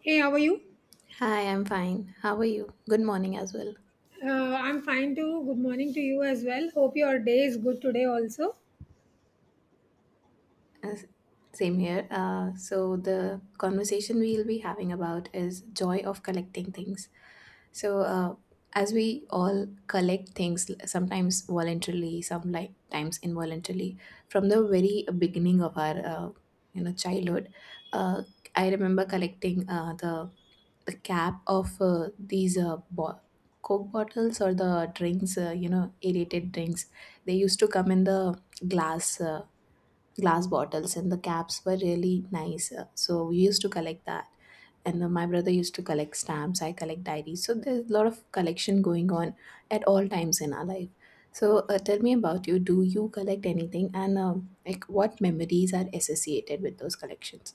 Hey, how are you? Hi, I'm fine. How are you? Good morning as well. Uh, I'm fine too. Good morning to you as well. Hope your day is good today also. Uh, Same here. The conversation we'll be having about is joy of collecting things. So, uh, as we all collect things, sometimes voluntarily, sometimes involuntarily, from the very beginning of our childhood, uh, I remember collecting the cap of these coke bottles, or the drinks, you know, aerated drinks. They used to come in the glass uh, glass bottles, and the caps were really nice, so we used to collect that. And my brother used to collect stamps, I collect diaries, so there's a lot of collection going on at all times in our life. So tell me about you. Do you collect anything? And like, what memories are associated with those collections?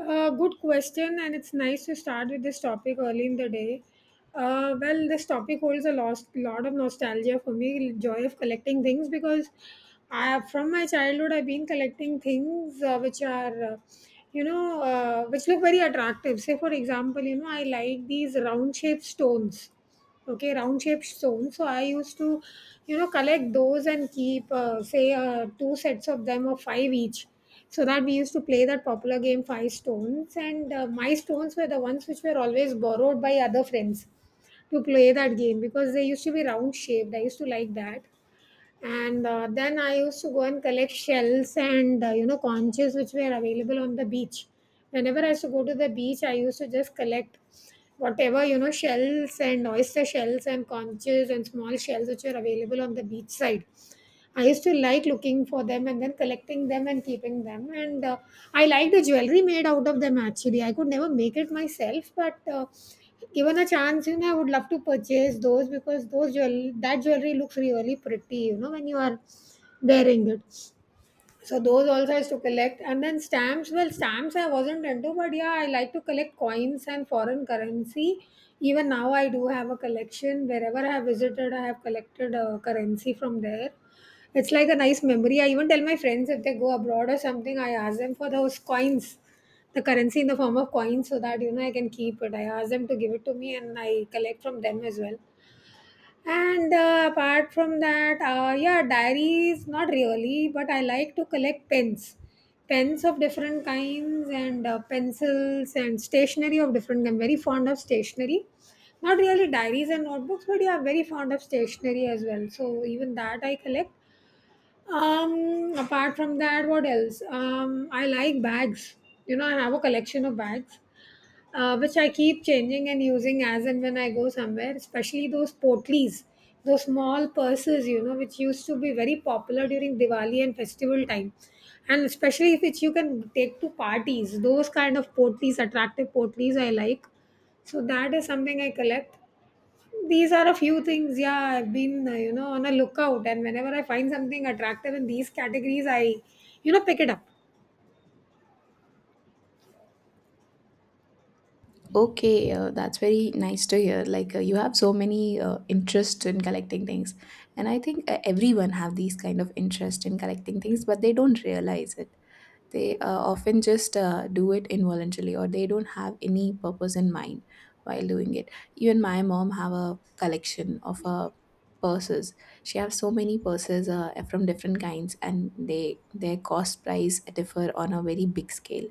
Good question, and it's nice to start with this topic early in the day. Well, this topic holds a lot of nostalgia for me, joy of collecting things because I, from my childhood, I've been collecting things which are, which look very attractive. Say, for example, you know, I like these round shaped stones. Okay, round shaped stones. So I used to, you know, collect those and keep, say, two sets of them of five each. So that we used to play that popular game, Five Stones. And my stones were the ones which were always borrowed by other friends to play that game because they used to be round shaped. I used to like that, and then I used to go and collect shells and you know, conches which were available on the beach. Whenever I used to go to the beach, I used to just collect whatever, you know, shells and oyster shells and conches and small shells which were available on the beach side. I used to like looking for them and then collecting them and keeping them. And I like the jewelry made out of them, actually. I could never make it myself, but given a chance, you know, I would love to purchase those because those jewelry looks really pretty, you know, when you are wearing it. So those also I used to collect. And then stamps, well, stamps I wasn't into, but yeah, I like to collect coins and foreign currency. Even now, I do have a collection. Wherever I have visited, I have collected currency from there. It's like a nice memory. I even tell my friends if they go abroad or something, I ask them for those coins, the currency in the form of coins, so that you know I can keep it. I ask them to give it to me, and I collect from them as well. And apart from that, yeah, diaries, not really, but I like to collect pens. Pens of different kinds, and pencils and stationery of different I'm very fond of stationery. Not really diaries and notebooks, but yeah, very fond of stationery as well. So even that I collect. Apart from that, what else? I like bags. You know, I have a collection of bags which I keep changing and using as and when I go somewhere, especially those potlis, those small purses, you know, which used to be very popular during Diwali and festival time. And especially if it's you can take to parties, those kind of potlis, attractive potlis I like. So that is something I collect. These are a few things, yeah, I've been, you know, on a lookout. And whenever I find something attractive in these categories, I, you know, pick it up. Okay, that's very nice to hear. Like, you have so many interest in collecting things, and I think everyone have these kind of interest in collecting things, but they don't realize it. They often just do it involuntarily, or they don't have any purpose in mind while doing it. Even my mom have a collection of purses. She have so many purses, from different kinds, and they, their cost price differ on a very big scale.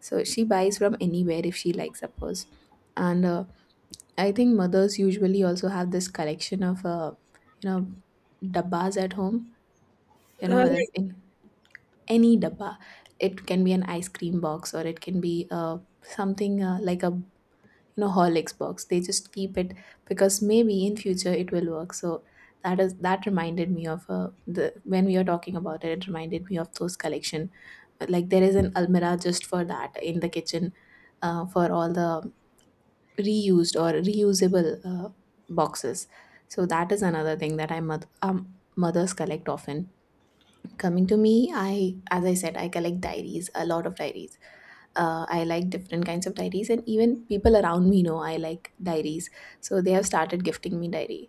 So she buys from anywhere if she likes a purse. And I think mothers usually also have this collection of, you know dabbas at home. You Uh, know, in any dabba, it can be an ice cream box, or it can be something like a, you know, Horlicks box. They just keep it because maybe in future it will work. So that is, that reminded me of the when we were talking about it, it reminded me of those collection. Like, there is an almirah just for that in the kitchen, for all the reused or reusable boxes. So that is another thing that mothers collect often. Coming to me, I, as I said, I collect diaries, a lot of diaries. I like different kinds of diaries, and even people around me know I like diaries, so they have started gifting me diary.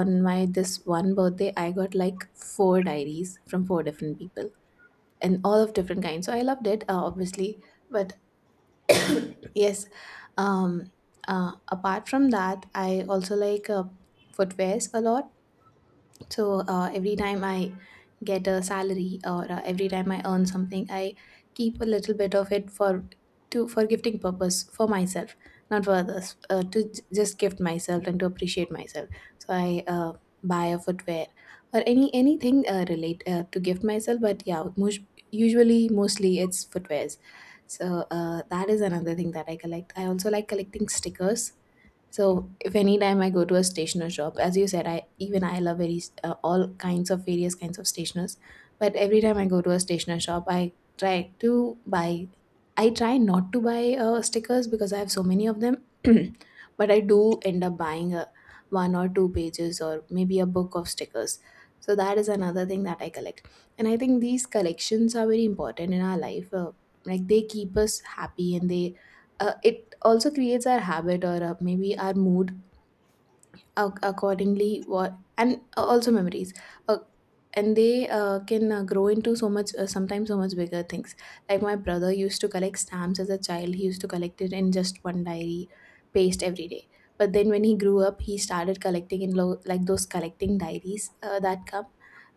On my this one birthday, I got like four diaries from four different people, and all of different kinds, so I loved it, obviously. But yes. um Apart from that, I also like footwears a lot. So every time I get a salary, or every time I earn something, I keep a little bit of it for, to, for gifting purpose for myself, not for others. To just gift myself and to appreciate myself. So I buy a footwear, or anything relate to gift myself. But yeah, most, usually mostly it's footwears. So that is another thing that I collect. I also like collecting stickers. So if any time I go to a stationer shop, as you said, I, even I love very all kinds of various kinds of stationers. But every time I go to a stationer shop, I try to buy, I try not to buy stickers, because I have so many of them. But I do end up buying a, one or two pages, or maybe a book of stickers. So that is another thing that I collect, and I think these collections are very important in our life. Like, they keep us happy, and they, it also creates our habit, or maybe our mood accordingly what, and also memories, uh, and they can grow into so much, sometimes so much bigger things. Like my brother used to collect stamps as a child. He used to collect it in just one diary, paste every day. But then when he grew up, he started collecting in like those collecting diaries, uh, that come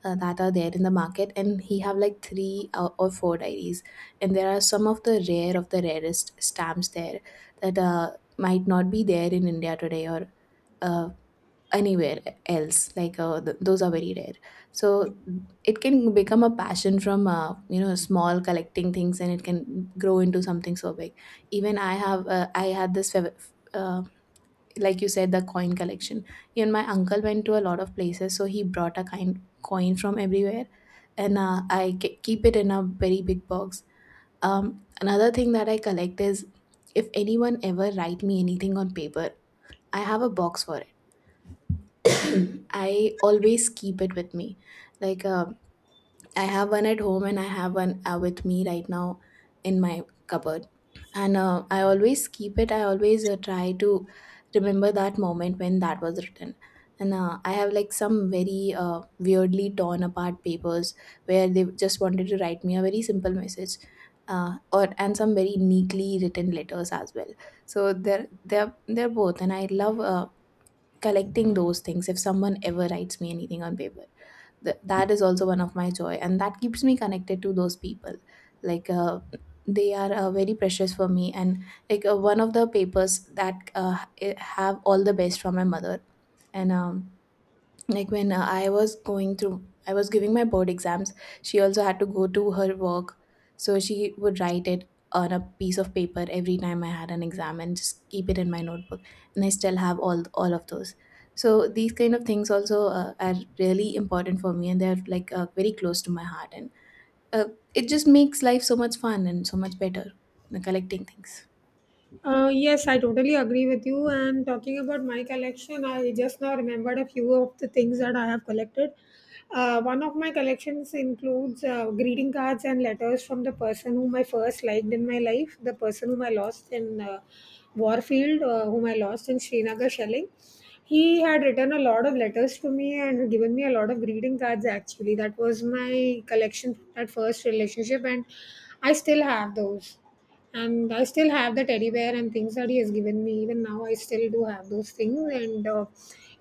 uh, that are there in the market, and he have like three or four diaries, and there are some of the rare, of the rarest stamps there, that might not be there in India today, or uh, anywhere else. Like those are very rare. So it can become a passion from, small collecting things, and it can grow into something so big. Even I have I had this like you said, the coin collection. Even my uncle went to a lot of places, so he brought a kind coin from everywhere, and I keep it in a very big box. Another thing that I collect is, if anyone ever write me anything on paper, I have a box for it. I always keep it with me. Like, I have one at home, and I have one with me right now in my cupboard. And I always keep it. I always try to remember that moment when that was written. And I have like some very weirdly torn apart papers where they just wanted to write me a very simple message. Or and some very neatly written letters as well. So they're both, and I love collecting those things. If someone ever writes me anything on paper, that is also one of my joy, and that keeps me connected to those people. Like, they are very precious for me. And like, one of the papers that have all the best from my mother. And like, when I was going through, I was giving my board exams, she also had to go to her work, so she would write it on a piece of paper every time I had an exam, and just keep it in my notebook, and I still have all of those. So these kind of things also are really important for me, and they're like very close to my heart, and uh, it just makes life so much fun and so much better, collecting things. Yes, I totally agree with you. And talking about my collection, I just now remembered a few of the things that I have collected. One of my collections includes greeting cards and letters from the person whom I first liked in my life, the person whom I lost in Warfield, whom I lost in Srinagar shelling. He had written a lot of letters to me and given me a lot of greeting cards, actually. That was my collection at first relationship, and I still have those, and I still have the teddy bear and things that he has given me. Even now, I still do have those things. And uh,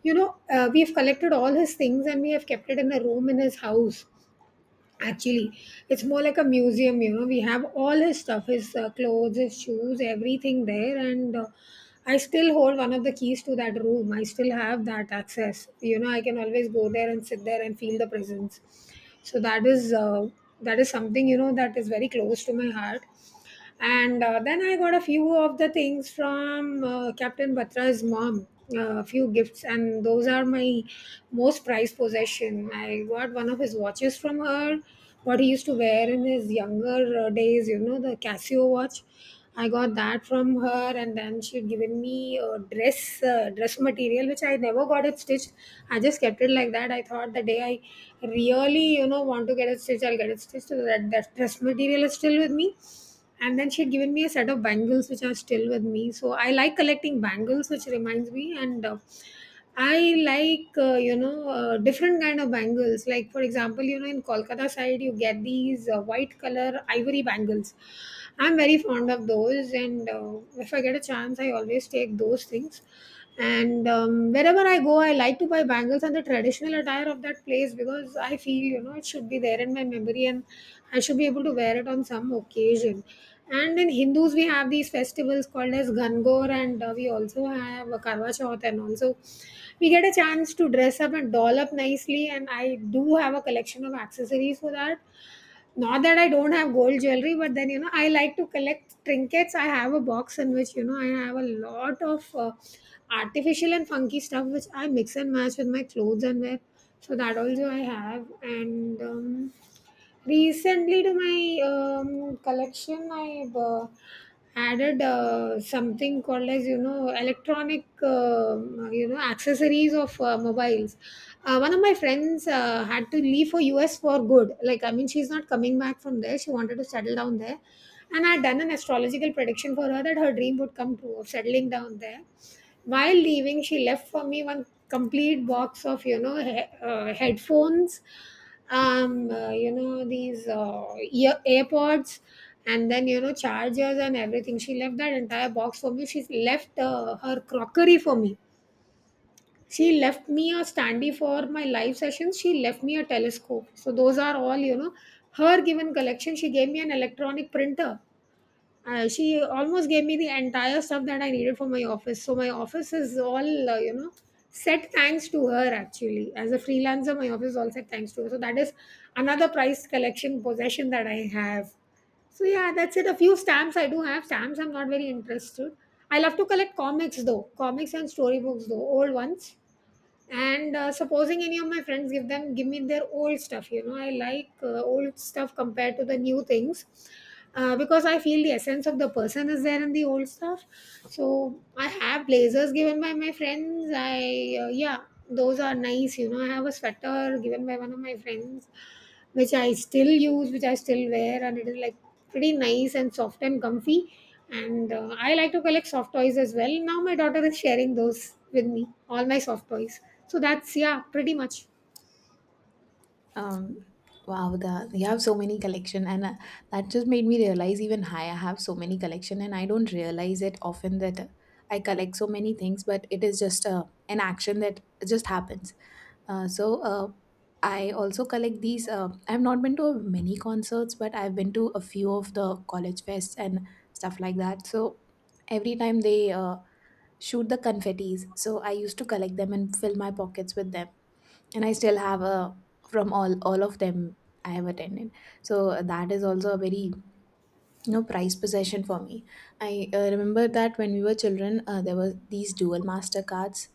you know, uh, we've collected all his things and we have kept it in a room in his house. Actually, it's more like a museum. You know, we have all his stuff, his clothes, his shoes, everything there. And. I still hold one of the keys to that room. I still have that access. You know, I can always go there and sit there and feel the presence. So that is something, you know, that is very close to my heart. And then I got a few of the things from Captain Batra's mom, a few gifts, and those are my most prized possession. I got one of his watches from her, what he used to wear in his younger days, you know, the Casio watch. I got that from her, and then she'd given me a dress material which I never got it stitched. I just kept it like that. I thought the day I really, you know, want to get it stitched, I'll get it stitched. So that that dress material is still with me. And then she had given me a set of bangles which are still with me. So I like collecting bangles, which reminds me. And I like different kind of bangles. Like, for example, you know, in Kolkata side you get these white color ivory bangles. I'm very fond of those. And if I get a chance, I always take those things. And wherever I go, I like to buy bangles and the traditional attire of that place because I feel, you know, it should be there in my memory and I should be able to wear it on some occasion. And in Hindus, we have these festivals called as Gangor, and we also have a Karwa Chauth, and also we get a chance to dress up and doll up nicely. And I do have a collection of accessories for that. Not that I don't have gold jewelry, but then you know I like to collect trinkets. I have a box in which you know I have a lot of artificial and funky stuff which I mix and match with my clothes and wear. So that also I have. And recently to my collection, I. Added something called as, you know, electronic you know accessories of mobiles. One of my friends had to leave for us for good. Like, I mean, she's not coming back from there. She wanted to settle down there, and I had done an astrological prediction for her that her dream would come true of settling down there. While leaving, she left for me one complete box of, you know, headphones, you know, these ear AirPods, and then, you know, chargers and everything. She left that entire box for me. She left her crockery for me. She left me a standee for my live sessions. She left me a telescope. So those are all, you know, her given collection. She gave me an electronic printer. She almost gave me the entire stuff that I needed for my office. So my office is all you know, set thanks to her, actually. As a freelancer, my office is all set thanks to her. So that is another prize collection possession that I have. So yeah, that's it. A few stamps I do have. Stamps I'm not very interested. I love to collect comics though, comics and storybooks though, old ones. And supposing any of my friends give me their old stuff, you know, I like old stuff compared to the new things, because I feel the essence of the person is there in the old stuff. So I have blazers given by my friends. I yeah, those are nice, you know. I have a sweater given by one of my friends which I still use, which I still wear, and it is like pretty nice and soft and comfy. And I like to collect soft toys as well. Now my daughter is sharing those with me, all my soft toys. So that's, yeah, pretty much. Um, wow, the you have so many collection, and that just made me realize, even I have so many collection, and I don't realize it often that I collect so many things, but it is just an action that just happens. Uh, so uh, I also collect these. I've not been to many concerts, but I've been to a few of the college fests and stuff like that. So every time they shoot the confettis, so I used to collect them and fill my pockets with them, and I still have a, from all of them I have attended. So that is also a very, no, prized possession for me. I remember that when we were children, there were these dual master cards.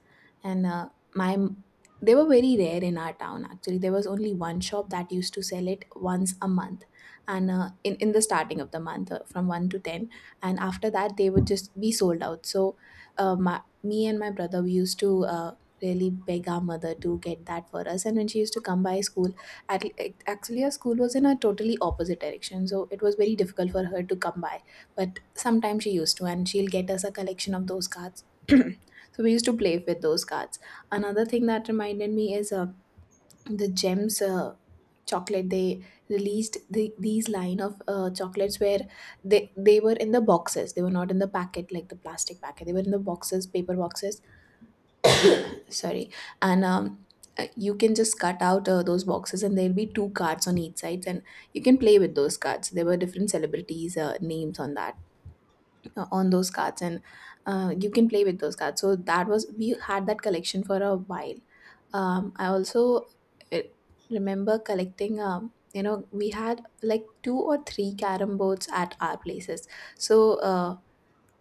And my m- they were very rare in our town. Actually, there was only one shop that used to sell it once a month, and in the starting of the month, from one to ten, and after that they would just be sold out. So, me and my brother we used to, really beg our mother to get that for us. And when she used to come by school, actually our school was in a totally opposite direction, so it was very difficult for her to come by, but sometimes she used to, and she'll get us a collection of those cards. So we used to play with those cards. Another thing that reminded me is the gems chocolate. They released these line of chocolates, where they were in the boxes, they were not in the packet, like the plastic packet. They were in the boxes, paper boxes, sorry. And you can just cut out those boxes, and there'll be two cards on each side, and you can play with those cards. There were different celebrities names on that, on those cards, and you can play with those cards. So that was, we had that collection for a while. I also uh, remember collecting, we had like two or three carom boards at our places. So uh,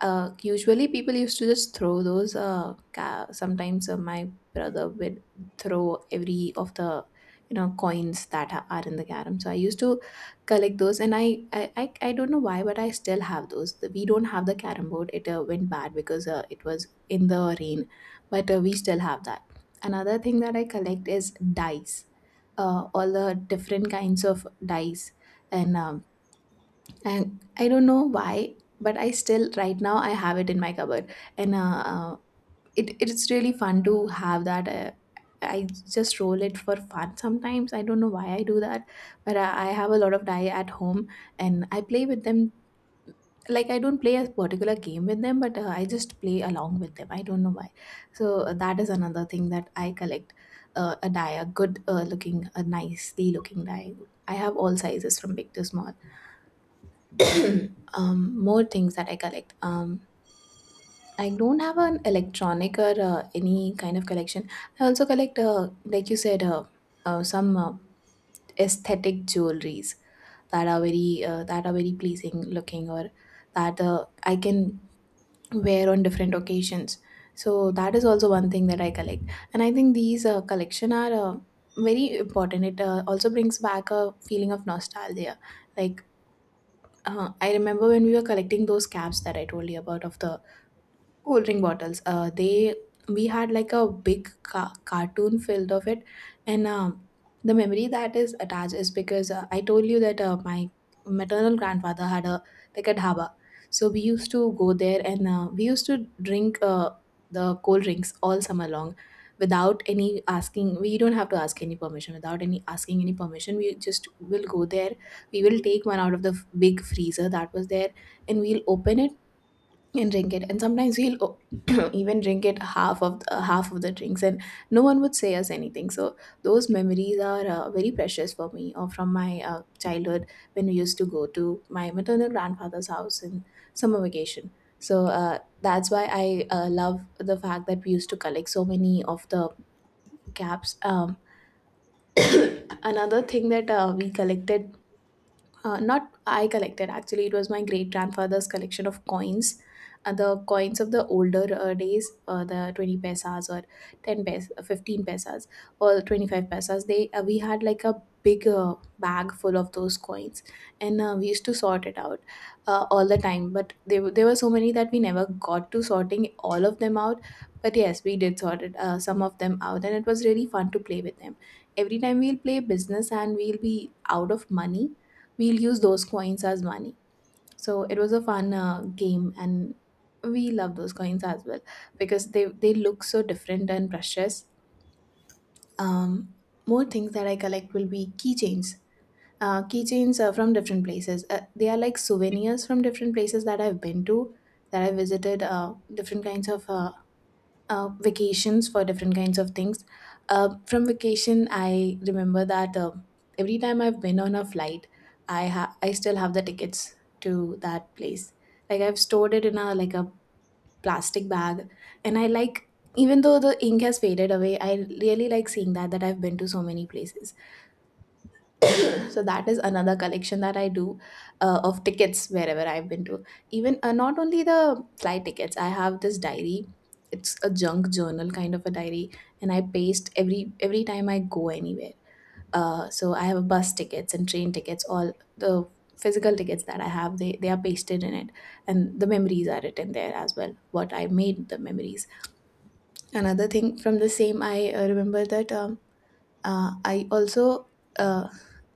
uh, usually people used to just throw those. Sometimes my brother would throw every of the, you know, coins that are in the carom. So I used to collect those, and I don't know why, but I still have those. We don't have the carom board. It went bad because it was in the rain, but we still have that. Another thing that I collect is dice. All the different kinds of dice and um, and I don't know why but I still right now I have it in my cupboard and it's really fun to have that. I just roll it for fun sometimes. I don't know why I do that but I have a lot of die at home and I play with them. Like I don't play a particular game with them, but I just play along with them. I don't know why. So that is another thing that I collect, a die, a good looking, a nicely looking die. I have all sizes from big to small. More things that I collect. I don't have an electronic or any kind of collection. I also collect, like you said, some aesthetic jewelries that are very pleasing looking, or that I can wear on different occasions. So that is also one thing that I collect, and I think these collection are very important. It also brings back a feeling of nostalgia, like I remember when we were collecting those caps that I told you about of the cold drink bottles. They we had like a big cartoon filled of it, and the memory that is attached is because I told you that my maternal grandfather had a like a dhaba, so we used to go there, and we used to drink the cold drinks all summer long without any asking. We don't have to ask any permission. Without any asking any permission, we just will go there. We will take one out of the big freezer that was there, and we'll open it and drink it. And sometimes we'll even drink it half of the drinks, and no one would say us anything. So those memories are very precious for me, or from my childhood, when we used to go to my maternal grandfather's house in summer vacation. So that's why I love the fact that we used to collect so many of the caps. Another thing that we collected, not I collected, actually it was my great grandfather's collection of coins, the coins of the older days, the 20 pesas or 15 pesas or 25 pesas. They we had like a big bag full of those coins, and we used to sort it out all the time, but there were so many that we never got to sorting all of them out. But yes, we did sort it, some of them out, and it was really fun to play with them. Every time we'll play business and we'll be out of money, we'll use those coins as money. So it was a fun game, and we love those coins as well because they look so different and precious. Um, more things that I collect will be keychains. Keychains are from different places. They are like souvenirs from different places that I've been to, that I visited. Different kinds of vacations for different kinds of things. From vacation, I remember that every time I've been on a flight, I still have the tickets to that place. Like I've stored it in a like a plastic bag, and I like, even though the ink has faded away, I really like seeing that that I've been to so many places. So that is another collection that I do, of tickets wherever I've been to. Even not only the flight tickets, I have this diary. It's a junk journal kind of a diary, and I paste every time I go anywhere. So I have bus tickets and train tickets. All the physical tickets that I have, they are pasted in it, and the memories are written there as well. What I made the memories. Another thing from the same, I remember that. I also uh,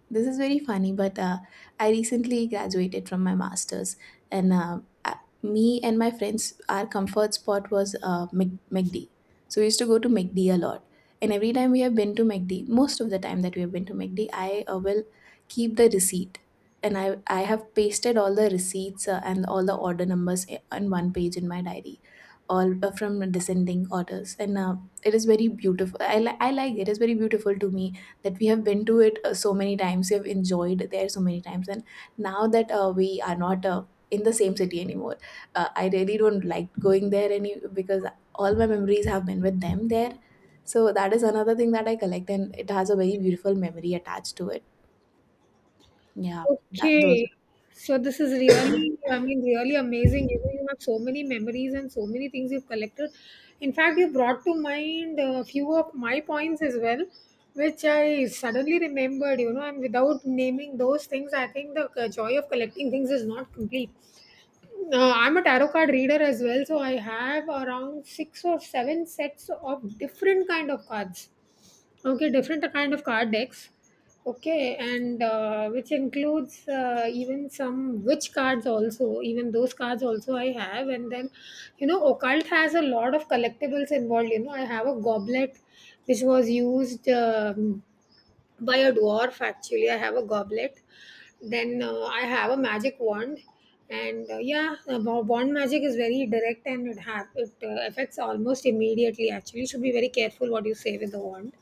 this is very funny, but I recently graduated from my master's, and me and my friends, our comfort spot was McD. So we used to go to McD a lot, and every time we have been to McD, most of the time that we have been to McD, I will keep the receipt, and I have pasted all the receipts and all the order numbers on one page in my diary, all from descending orders, and. It is very beautiful. I like it. It's very beautiful to me that we have been to it so many times, we have enjoyed there so many times, and now that we are not in the same city anymore, I really don't like going there any, because all my memories have been with them there. So that is another thing that I collect, and it has a very beautiful memory attached to it. Yeah, that those. Okay. So this is really, I mean, really amazing. You know, you have so many memories and so many things you've collected. In fact, you brought to mind a few of my points as well, which I suddenly remembered, you know, and without naming those things, I think the joy of collecting things is not complete. I'm a tarot card reader as well, so I have around six or seven sets of different kind of cards. Okay, different kind of card decks. Okay, and which includes even some witch cards also. Even those cards also I have, and then you know, occult has a lot of collectibles involved. You know, I have a goblet which was used by a dwarf. Actually, I have a goblet. Then I have a magic wand, and yeah, wand magic is very direct and it affects almost immediately. Actually, you should be very careful what you say with the wand.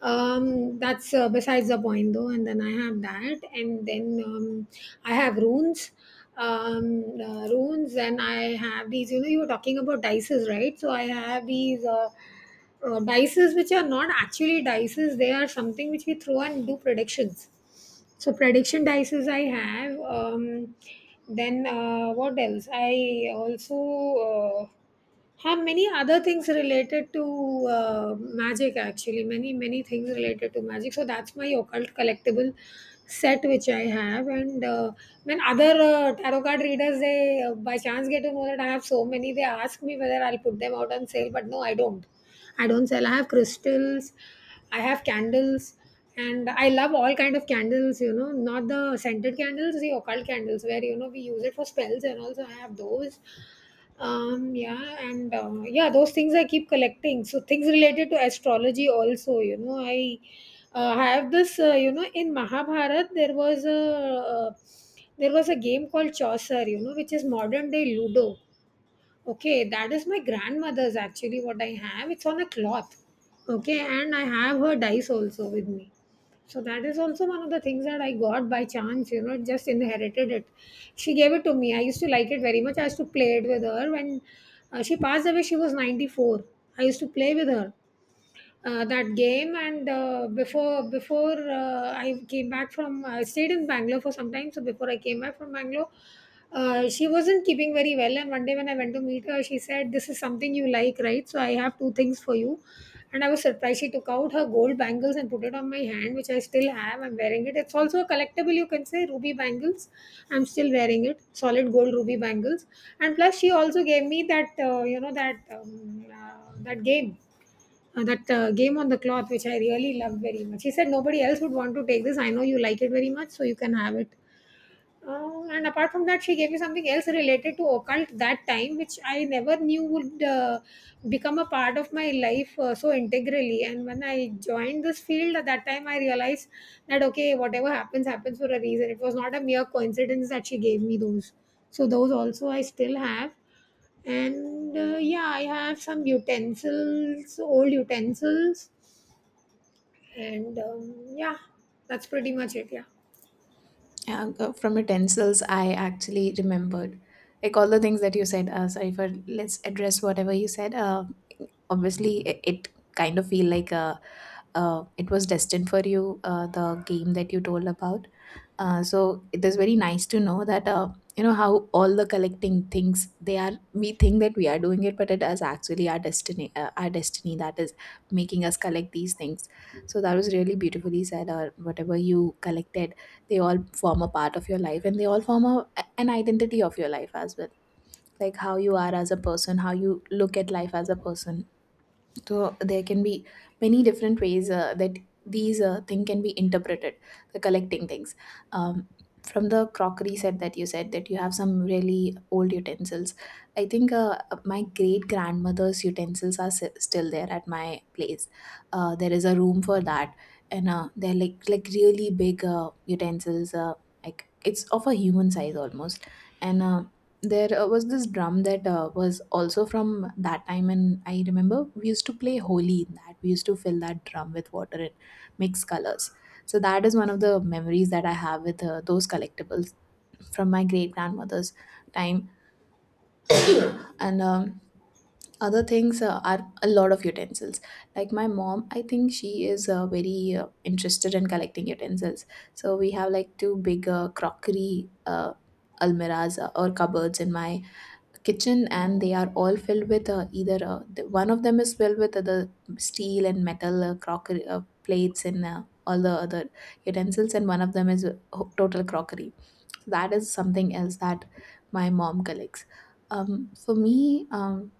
That's, besides the point though. And then I have that, and then I have runes. Runes. And I have these, you know, you were talking about dices, right? So I have these, dices, which are not actually dices. They are something which we throw and do predictions. So prediction dices I have. Then what else? I also uh, have many other things related to magic. Actually, many, many things related to magic. So that's my occult collectible set which I have. And when other tarot card readers, they by chance get to know that I have so many, they ask me whether I'll put them out on sale, but no, I don't. I don't sell. I have crystals, I have candles, and I love all kind of candles. You know, not the scented candles, the occult candles where, you know, we use it for spells, and also I have those. Yeah, and yeah, those things I keep collecting. So things related to astrology also, you know, I have this, you know, in Mahabharat there was a, game called Chaucer, you know, which is modern day Ludo. Okay, that is my grandmother's, actually, what I have. It's on a cloth. Okay, and I have her dice also with me. So that is also one of the things that I got by chance, you know, just inherited it. She gave it to me. I used to like it very much. I used to play it with her. When she passed away, she was 94. I used to play with her that game. And before before I came back from I stayed in Bangalore for some time, so before I came back from Bangalore, she wasn't keeping very well, and one day when I went to meet her, she said, this is something you like, right? So I have two things for you. And I was surprised, she took out her gold bangles and put it on my hand, which I still have. I'm wearing it. It's also a collectible, you can say, ruby bangles. I'm still wearing it, solid gold ruby bangles. And plus, she also gave me that, that game, that game on the cloth, which I really loved very much. She said, nobody else would want to take this. I know you like it very much, so you can have it. And apart from that, she gave me something else related to occult that time, which I never knew would become a part of my life so integrally. And when I joined this field at that time, I realized that, okay, whatever happens, happens for a reason. It was not a mere coincidence that she gave me those. So those also I still have. And yeah, I have some utensils, old utensils, and yeah, that's pretty much it. Yeah. Yeah, from utensils, I actually remembered like all the things that you said. Sorry for, let's address whatever you said. Obviously, it kind of feel like a it was destined for you, the game that you told about. So it is very nice to know that you know how all the collecting things they are. We think that we are doing it, but it is actually our destiny. Our destiny that is making us collect these things. So that was really beautifully said. Or whatever you collected, they all form a part of your life, and they all form a, an identity of your life as well. Like how you are as a person, how you look at life as a person, so there can be many different ways that these thing can be interpreted. The collecting things, um, from the crockery set that you said that you have some really old utensils. I think my great grandmother's utensils are still there at my place. There is a room for that, and they're like really big utensils. Like it's of a human size almost, and there was this drum that was also from that time, and I remember we used to play holi in that. We used to fill that drum with water and mix colors. So that is one of the memories that I have with those collectibles from my great grandmother's time. And other things are a lot of utensils. Like my mom, I think she is very interested in collecting utensils, so we have like two big crockery almiras or cupboards in my kitchen, and they are all filled with either one of them is filled with the steel and metal crockery plates and all the other utensils, and one of them is total crockery. So that is something else that my mom collects. For me,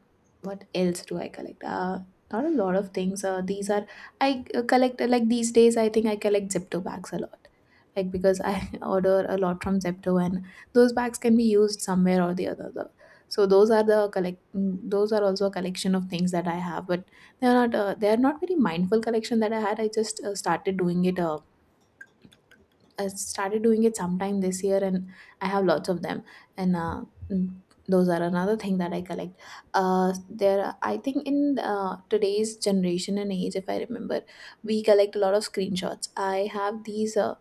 what else do I collect? Not a lot of things. These are I collect like these days. I think I collect Zipto bags a lot, like because I order a lot from Zepto, and those bags can be used somewhere or the other. So those are the collect. Those are also a collection of things that I have, but they are not. They are not very mindful collection that I had. I just started doing it. I started doing it sometime this year, and I have lots of them. And mm, those are another thing that I collect. I think in today's generation and age, if I remember, we collect a lot of screenshots. I have these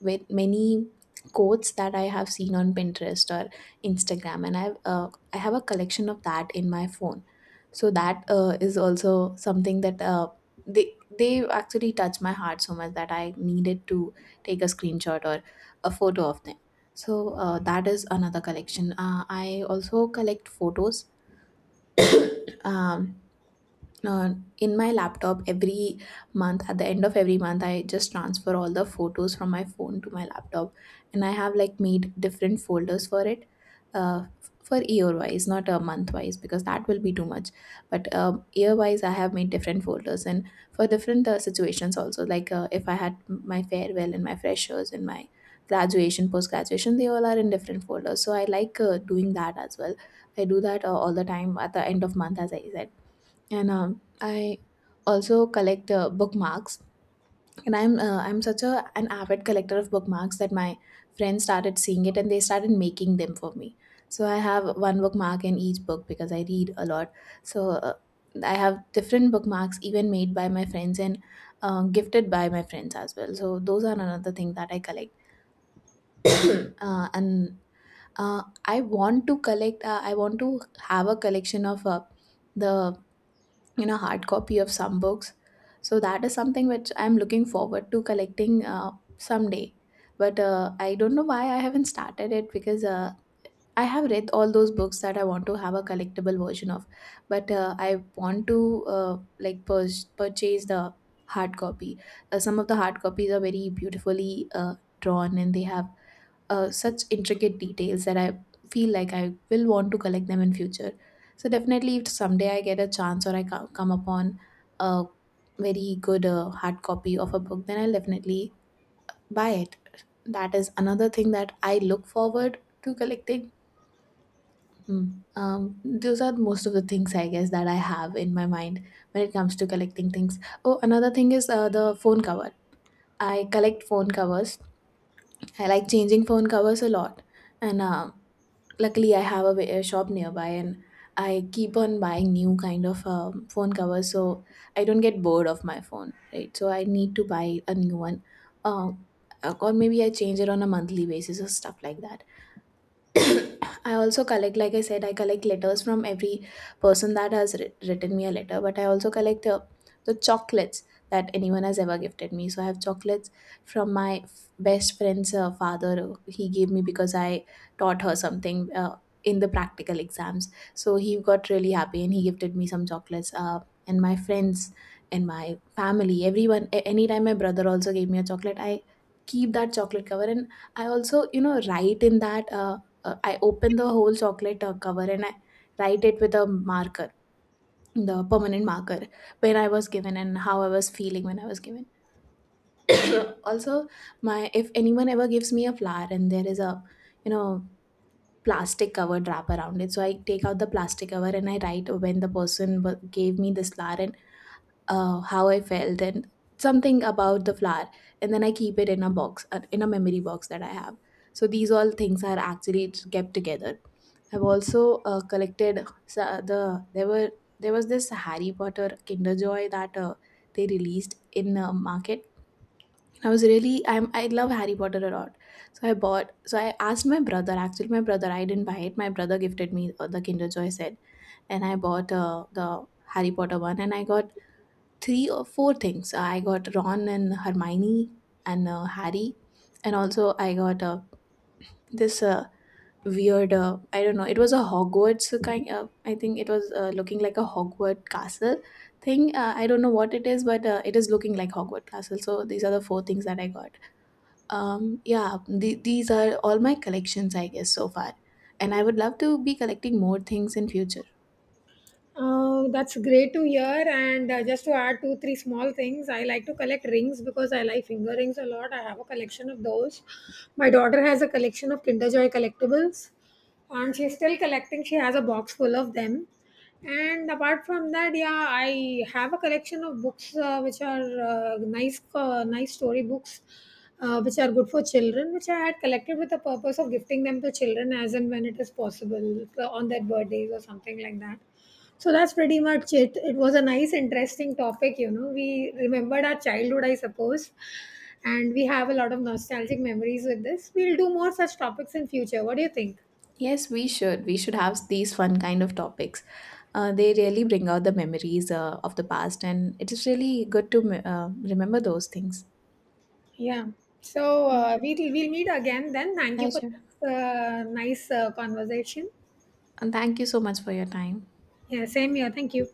with many quotes that I have seen on Pinterest or Instagram, and I have a collection of that in my phone, so that is also something that they actually touch my heart so much that I needed to take a screenshot or a photo of them. So that is another collection. I also collect photos um, uh, in my laptop every month. At the end of every month I just transfer all the photos from my phone to my laptop, and I have like made different folders for it, uh, for year wise, not a month wise, because that will be too much. But year wise I have made different folders, and for different situations also, like if I had my farewell and my freshers and my graduation, post graduation, they all are in different folders. So I like doing that as well. I do that all the time at the end of month, as I said. And I also collect bookmarks. And I'm such a an avid collector of bookmarks that my friends started seeing it and they started making them for me. So I have one bookmark in each book because I read a lot. So I have different bookmarks even made by my friends and gifted by my friends as well. So those are another thing that I collect. And I want to collect. I want to have a collection of the hard copy of some books. So that is something which I'm looking forward to collecting someday. But I don't know why I haven't started it, because I have read all those books that I want to have a collectible version of. But I want to like purchase the hard copy. Some of the hard copies are very beautifully drawn, and they have such intricate details that I feel like I will want to collect them in future. So definitely, if someday I get a chance or I come upon a very good hard copy of a book, then I'll definitely buy it. That is another thing that I look forward to collecting. Mm. Those are most of the things, I guess, that I have in my mind when it comes to collecting things. Oh, another thing is the phone cover. I collect phone covers. I like changing phone covers a lot, and luckily I have a, a shop nearby, and I keep on buying new kind of phone covers, so I don't get bored of my phone. Right, so I need to buy a new one. Uh, or maybe I change it on a monthly basis or stuff like that. I also collect, like I said, I collect letters from every person that has written me a letter, but I also collect the chocolates that anyone has ever gifted me. So I have chocolates from my best friend's father. He gave me because I taught her something in the practical exams. So he got really happy and he gifted me some chocolates. And my friends and my family, everyone, anytime my brother also gave me a chocolate, I keep that chocolate cover and I also, write in that. I open the whole chocolate cover and I write it with a marker, the permanent marker, when I was given and how I was feeling when I was given. So also, my if anyone ever gives me a flower and there is a you know plastic covered wrap around it, so I take out the plastic cover and I write when the person gave me this flower and how I felt and something about the flower, and then I keep it in a box, in a memory box that I have. So these all things are actually kept together. I've also collected the there were there was this Harry Potter Kinder Joy that they released in market. I was really I'm I love Harry Potter a lot, so I bought. So I asked my brother. Actually, my brother I didn't buy it. My brother gifted me the Kinder Joy set, and I bought the Harry Potter one, and I got three or four things. I got Ron and Hermione and Harry, and also I got this. Weird I don't know, it was a Hogwarts kind of, I think it was looking like a Hogwarts castle thing. I don't know what it is, but it is looking like Hogwarts castle. So these are the four things that I got. Um, yeah, these are all my collections I guess so far, and I would love to be collecting more things in future. Oh, that's great to hear. And just to add two, three small things, I like to collect rings because I like finger rings a lot. I have a collection of those. My daughter has a collection of Kinder Joy collectibles, and she's still collecting. She has a box full of them. And apart from that, yeah, I have a collection of books, which are, nice story books, which are good for children, which I had collected with the purpose of gifting them to children as and when it is possible, on their birthdays or something like that. So that's pretty much it. It was a nice, interesting topic. You know, we remembered our childhood, I suppose, and we have a lot of nostalgic memories with this. We'll do more such topics in future. What do you think? Yes, we should, we should have these fun kind of topics. They really bring out the memories of the past, and it is really good to remember those things. Yeah. So Mm. we'll meet again then. Thank Yeah, you for sure. this nice conversation. And thank you so much for your time. Yeah, same here. Thank you.